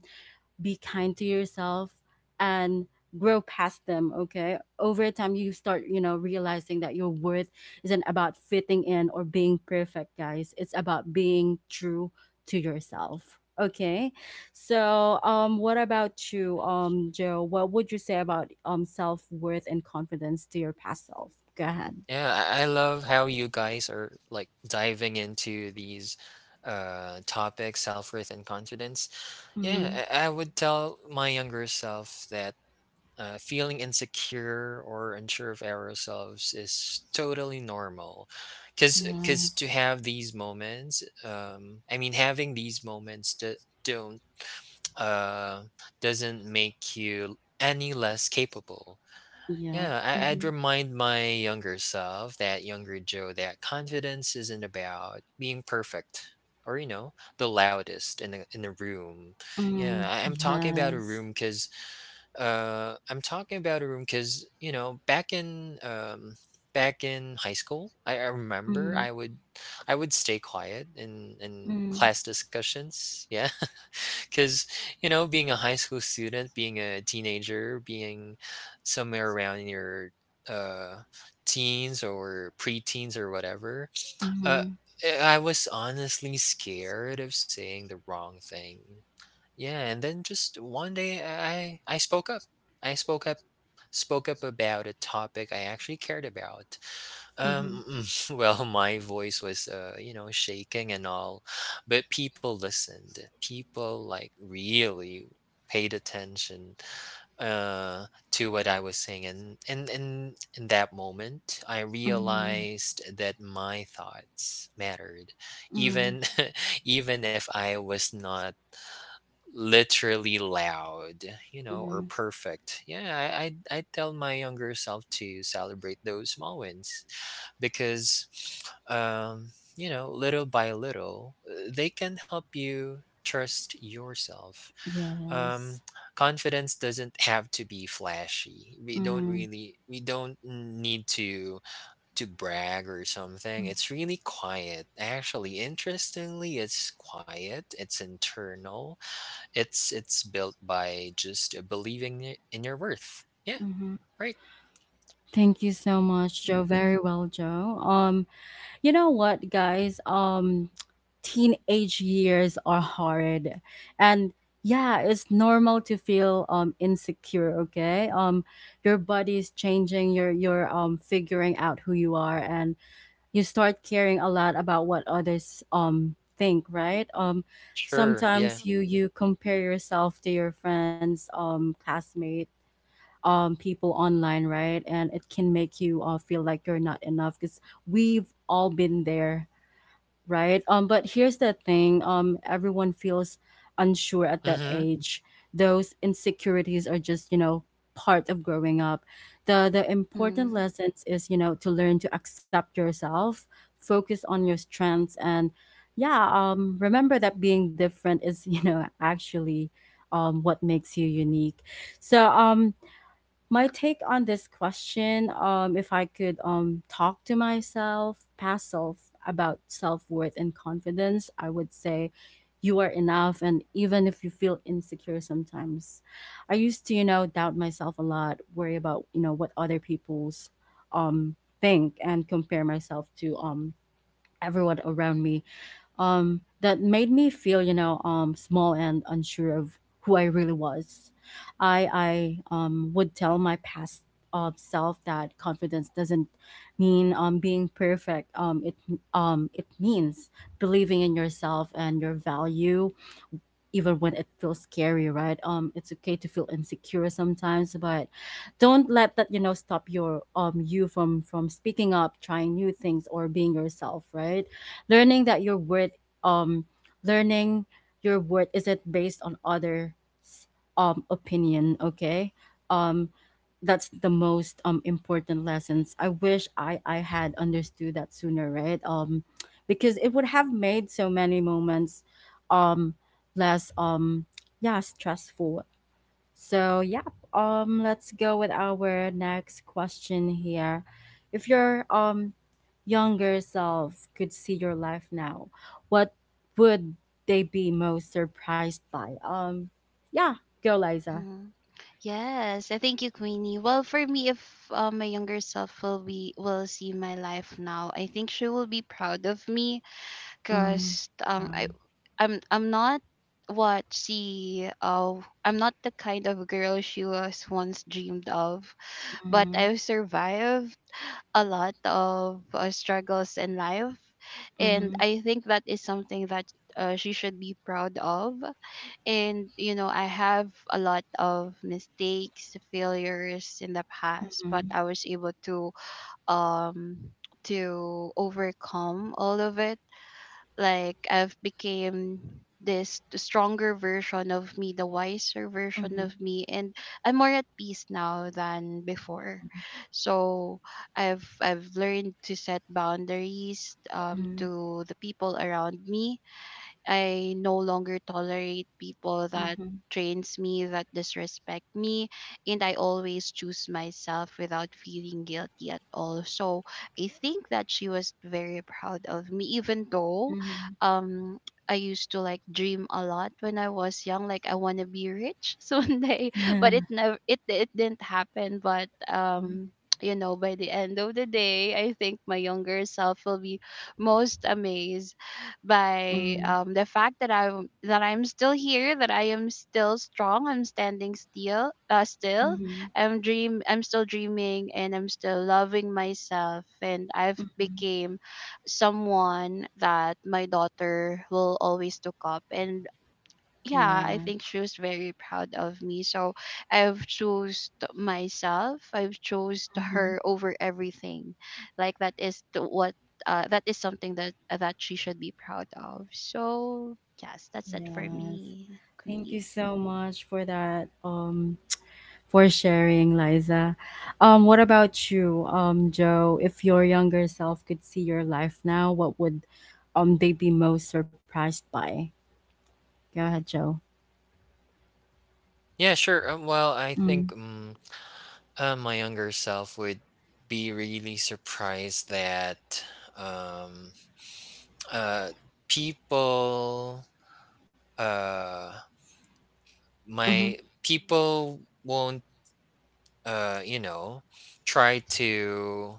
A: be kind to yourself, and grow past them, okay? Over time, you start, you know, realizing that your worth isn't about fitting in or being perfect, guys. It's about being true to yourself. Okay, so what about you, Joe? What would you say about self worth and confidence to your past self? Go ahead.
B: Yeah, I love how you guys are like diving into these topics, self-worth and confidence. Yeah,
A: Mm,
B: I would tell my younger self that feeling insecure or unsure of ourselves is totally normal. Cause,
A: yeah.
B: 'cause to have these moments, having these moments do, don't uh, doesn't make you any less capable.
A: Yeah.
B: Yeah,
A: Mm-hmm.
B: I'd remind my younger self, that younger Joe, that confidence isn't about being perfect or, you know, the loudest in a room. Yeah,
A: Mm-hmm.
B: I'm talking about a
A: Yes.
B: room because you know, back in back in high school, I remember
A: Mm-hmm.
B: I would stay quiet in class discussions. Yeah, because you know, being a high school student, being a teenager, being somewhere around in your uh teens or preteens or whatever, uh i
A: Mm-hmm.
B: I was honestly scared of saying the wrong thing. Yeah, and then just one day I spoke up. I spoke up about a topic I actually cared about.
A: Mm-hmm.
B: um, well, my voice was, you know, shaking and all, but people listened. People like really paid attention uh to what I was saying, and in that moment, I
A: Mm-hmm.
B: realized that my thoughts mattered,
A: Mm-hmm.
B: even even if I was not literally loud, you know, or perfect. Yeah, I I tell my younger self to celebrate those small wins because um, you know, little by little, they can help you trust yourself. um,
A: Yes.
B: Confidence doesn't have to be flashy.
A: Mm,
B: We don't need to brag or something. It's really quiet, actually, interestingly. It's quiet, it's internal. It's built by just believing in your worth. Yeah,
A: Mm-hmm.
B: right.
A: Thank you so much, Joe. Very well, Joe. You know what, guys? Teenage years are hard, and yeah, it's normal to feel insecure. Okay. Your body is changing. You're figuring out who you are, and you start caring a lot about what others think, right?
B: Sure, yeah.
A: Sometimes you compare yourself to your friends, classmate, people online, right? And it can make you, feel like you're not enough, because we've all been there, right? But here's the thing: everyone feels unsure
B: Um,
A: at that
B: mm
A: age. Those insecurities are just, you know, part of growing up. The important
C: mm-hmm,
A: lessons is, you know, to learn to accept yourself, focus on your strengths, and yeah, remember that being different is, you know, actually, what makes you unique. So, my take on this question, if I could talk to myself past self about self-worth and confidence, I would say you are enough, and even if you feel insecure sometimes, I used to, you know, doubt myself a lot, worry about, you know, what other people's um think, and compare myself to everyone around me, that made me feel, you know, small and unsure of who I really was. I would tell my past self that confidence doesn't mean being perfect. Um, it means believing in yourself and your value even when it feels scary, right? It's okay to feel insecure sometimes, but don't let that, you know, stop your you from speaking up, trying new things, or being yourself, right? Learning that your worth um learning your worth isn't based on others opinion, okay? Um, that's the most important lessons I wish I had understood that sooner, right, because it would have made so many moments um less yeah, stressful. So let's go with our next question here. If your younger self could see your life now, what would they be most surprised by? Yeah, go, Liza.
C: mm-hmm. Yes. I thank you, Queenie. Well, for me, if my younger self will be will see my life now, I think she will be proud of me,
A: Mm-hmm.
C: because
A: Wow.
C: I'm not what she I'm not the kind of girl she was once dreamed of, but
A: Mm-hmm.
C: I've survived a lot of struggles in life, and
A: Mm-hmm.
C: I think that is something that she should be proud of. And you know, I have a lot of mistakes, failures in the past, but I was able um to overcome all of it. Like I've became this stronger version of me, the wiser version
A: Mm-hmm.
C: of me, and I'm more at peace now than before. So I've learned to set boundaries to the people around me. I no longer tolerate people that
A: Mm-hmm.
C: drains me, that disrespect me, and I always choose myself without feeling guilty at all. So I think that she was very proud of me, even though
A: Mm-hmm. Mm-hmm.
C: um I used to like dream a lot when I was young, like I wanna be rich someday.
A: Yeah.
C: But it never it it didn't happen. But you know, by the end of the day, I think my younger self will be most amazed by
A: Mm-hmm.
C: the fact that I am that I'm still here, that I am still strong, I'm standing still, still,
A: Mm-hmm.
C: I'm dream, I'm still dreaming, and I'm still loving myself, and I've
A: Mm-hmm.
C: became someone that my daughter will always look up, and yeah, I
A: Yeah.
C: think she was very proud of me. So I've chose t- myself. I've chose t-
A: Mm-hmm.
C: her over everything. Like that is the, what that is something that that she should be proud of. So yes, that's it for
A: Yes.
C: me,
A: Thank
C: Queenie.
A: you so much for that. For sharing, Liza. What about you, Joe? If your younger self could see your life now, what would they be most surprised by? Go ahead, Joe.
B: Yeah, sure. Well, I
A: Mm,
B: think my younger self would be really surprised that um, uh, people, uh,
A: mm-hmm,
B: my people won't, you know, try to,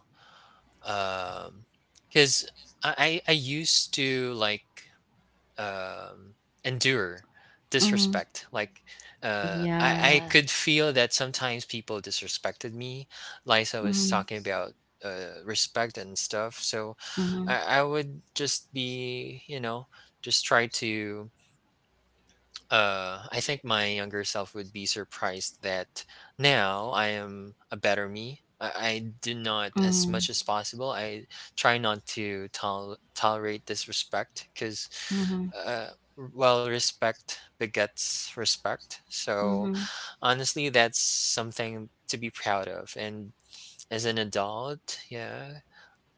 B: because I used to like um, endure
A: mm-hmm.
B: disrespect, like,
A: Yeah.
B: I could
C: Yes.
B: feel that sometimes people disrespected me. Lisa was
A: Mm-hmm,
B: talking about respect and stuff, so
A: mm-hmm,
B: I would just be, you know, just try to. I think my younger self would be surprised that now I am a better me. I do not, as
A: mm-hmm,
B: much as possible, I try not to tolerate disrespect because,
A: mm-hmm,
B: uh, well, respect begets respect. So,
A: mm-hmm,
B: honestly, that's something to be proud of. And as an adult, yeah,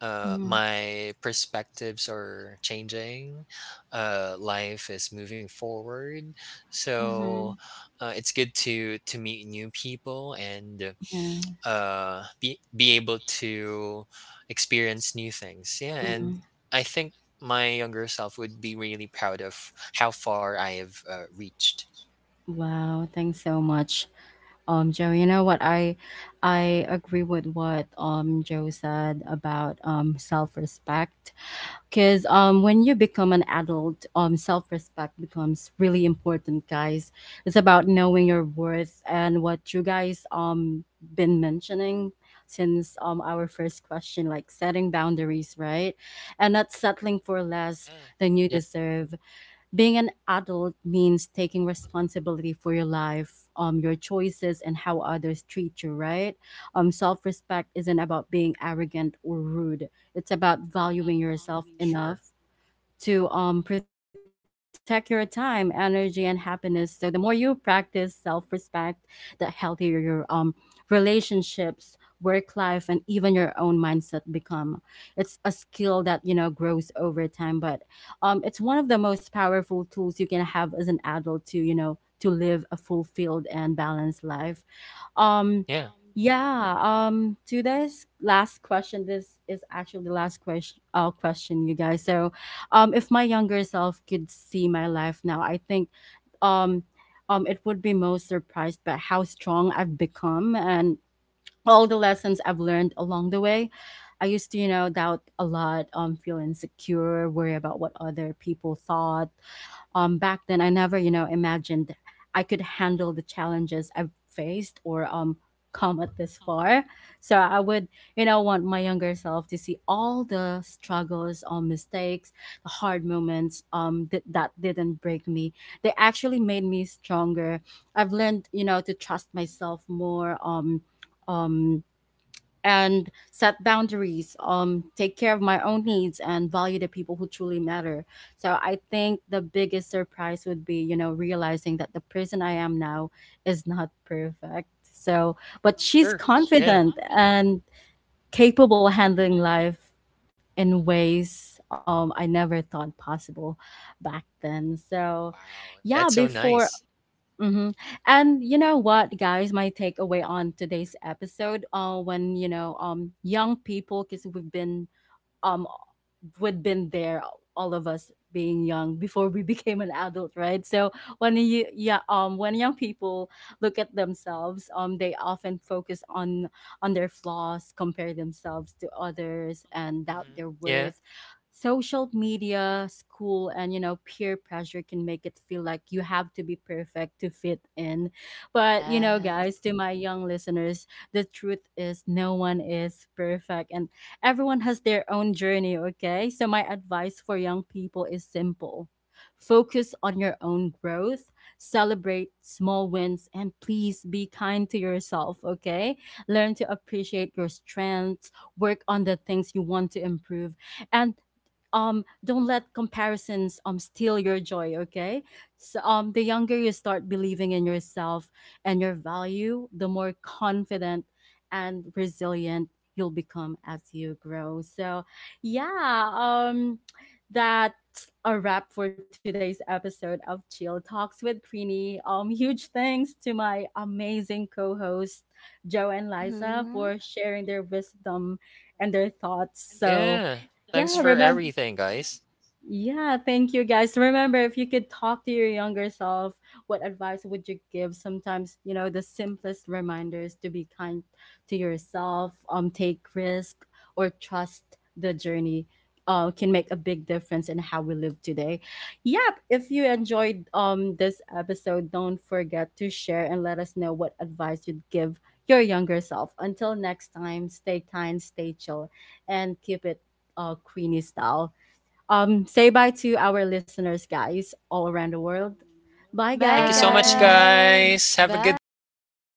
A: mm-hmm,
B: my perspectives are changing. Life is moving forward,
A: mm-hmm.
B: so it's good to meet new people and
A: Yeah.
B: be able to experience new things. Yeah, and
A: Mm-hmm.
B: I think my younger self would be really proud of how far I have reached.
A: Wow. Thanks so much, Joe. You know what, I agree with what Joe said about self-respect, cuz when you become an adult, self-respect becomes really important, guys. It's about knowing your worth, and what you guys been mentioning since our first question, like setting boundaries, right? And not settling for less
B: Yeah,
A: than you
B: yeah,
A: deserve. Being an adult means taking responsibility for your life, your choices, and how others treat you, right? Self respect isn't about being arrogant or rude, it's about valuing yourself
B: sure,
A: enough to, protect your time, energy, and happiness. So the more you practice self-respect, the healthier your relationships, work life, and even your own mindset become. It's a skill that grows over time, but it's one of the most powerful tools you can have as an adult to to live a fulfilled and balanced life. Um,
B: yeah,
A: yeah. To this last question, this is actually the last question. Question, you guys. So, if my younger self could see my life now, I think, um, um, it would be most surprised by how strong I've become and all the lessons I've learned along the way. I used to, doubt a lot, feel insecure, worry about what other people thought. Back then, I never imagined I could handle the challenges I've faced or, come at this far. So I would, want my younger self to see all the struggles, mistakes, the hard moments, that didn't break me. They actually made me stronger. I've learned to trust myself more, um, and set boundaries, um, take care of my own needs and value the people who truly matter. So I think the biggest surprise would be, realizing that the person I am now is not perfect, so, but she's
B: sure, yeah.
A: confident and capable handling life in ways, I never thought possible back then. so
B: Wow, that's
A: yeah
B: so
A: before
B: nice.
A: Mm-hmm. And you know what, guys, my takeaway on today's episode, when you know, young people, because um we'd been there, all of us being young before we became an adult, right? So when you, yeah, um, when young people look at themselves, um, they often focus on their flaws, compare themselves to others, and doubt
B: Mhm.
A: their
B: Yeah.
A: worth. Social media, school, and, peer pressure can make it feel like you have to be perfect to fit in. But,
C: Yes.
A: guys, to my young listeners, the truth is no one is perfect, and everyone has their own journey, okay? So, my advice for young people is simple: focus on your own growth, celebrate small wins, and please be kind to yourself, okay? Learn to appreciate your strengths, work on the things you want to improve, and don't let comparisons steal your joy, okay? So, um, the younger you start believing in yourself and your value, the more confident and resilient you'll become as you grow. So, yeah, that's a wrap for today's episode of Chill Talks with Preeny. Huge thanks to my amazing co hosts Joe and Liza
C: Mhm.
A: for sharing their wisdom and their thoughts.
B: Yeah.
A: So,
B: So, thanks for
A: yeah,
C: Yes.
A: remember,
B: everything, yeah, guys.
A: yeah, thank you guys. Remember, if you could talk to your younger self, what advice would you give? Sometimes, the simplest reminders to be kind to yourself, take risk or trust the journey. Can make a big difference in how we live today. Yep. If you enjoyed this episode, don't forget to share and let us know what advice you'd give your younger self. Until next time, stay kind, stay chill, and keep it Queenie style. Say bye to our listeners, guys, all around the world. Bye,
B: Thank you
C: Bye,
B: so yeah much,
A: guys.
C: guys.
B: guys. Have a good
C: Bye.
B: one.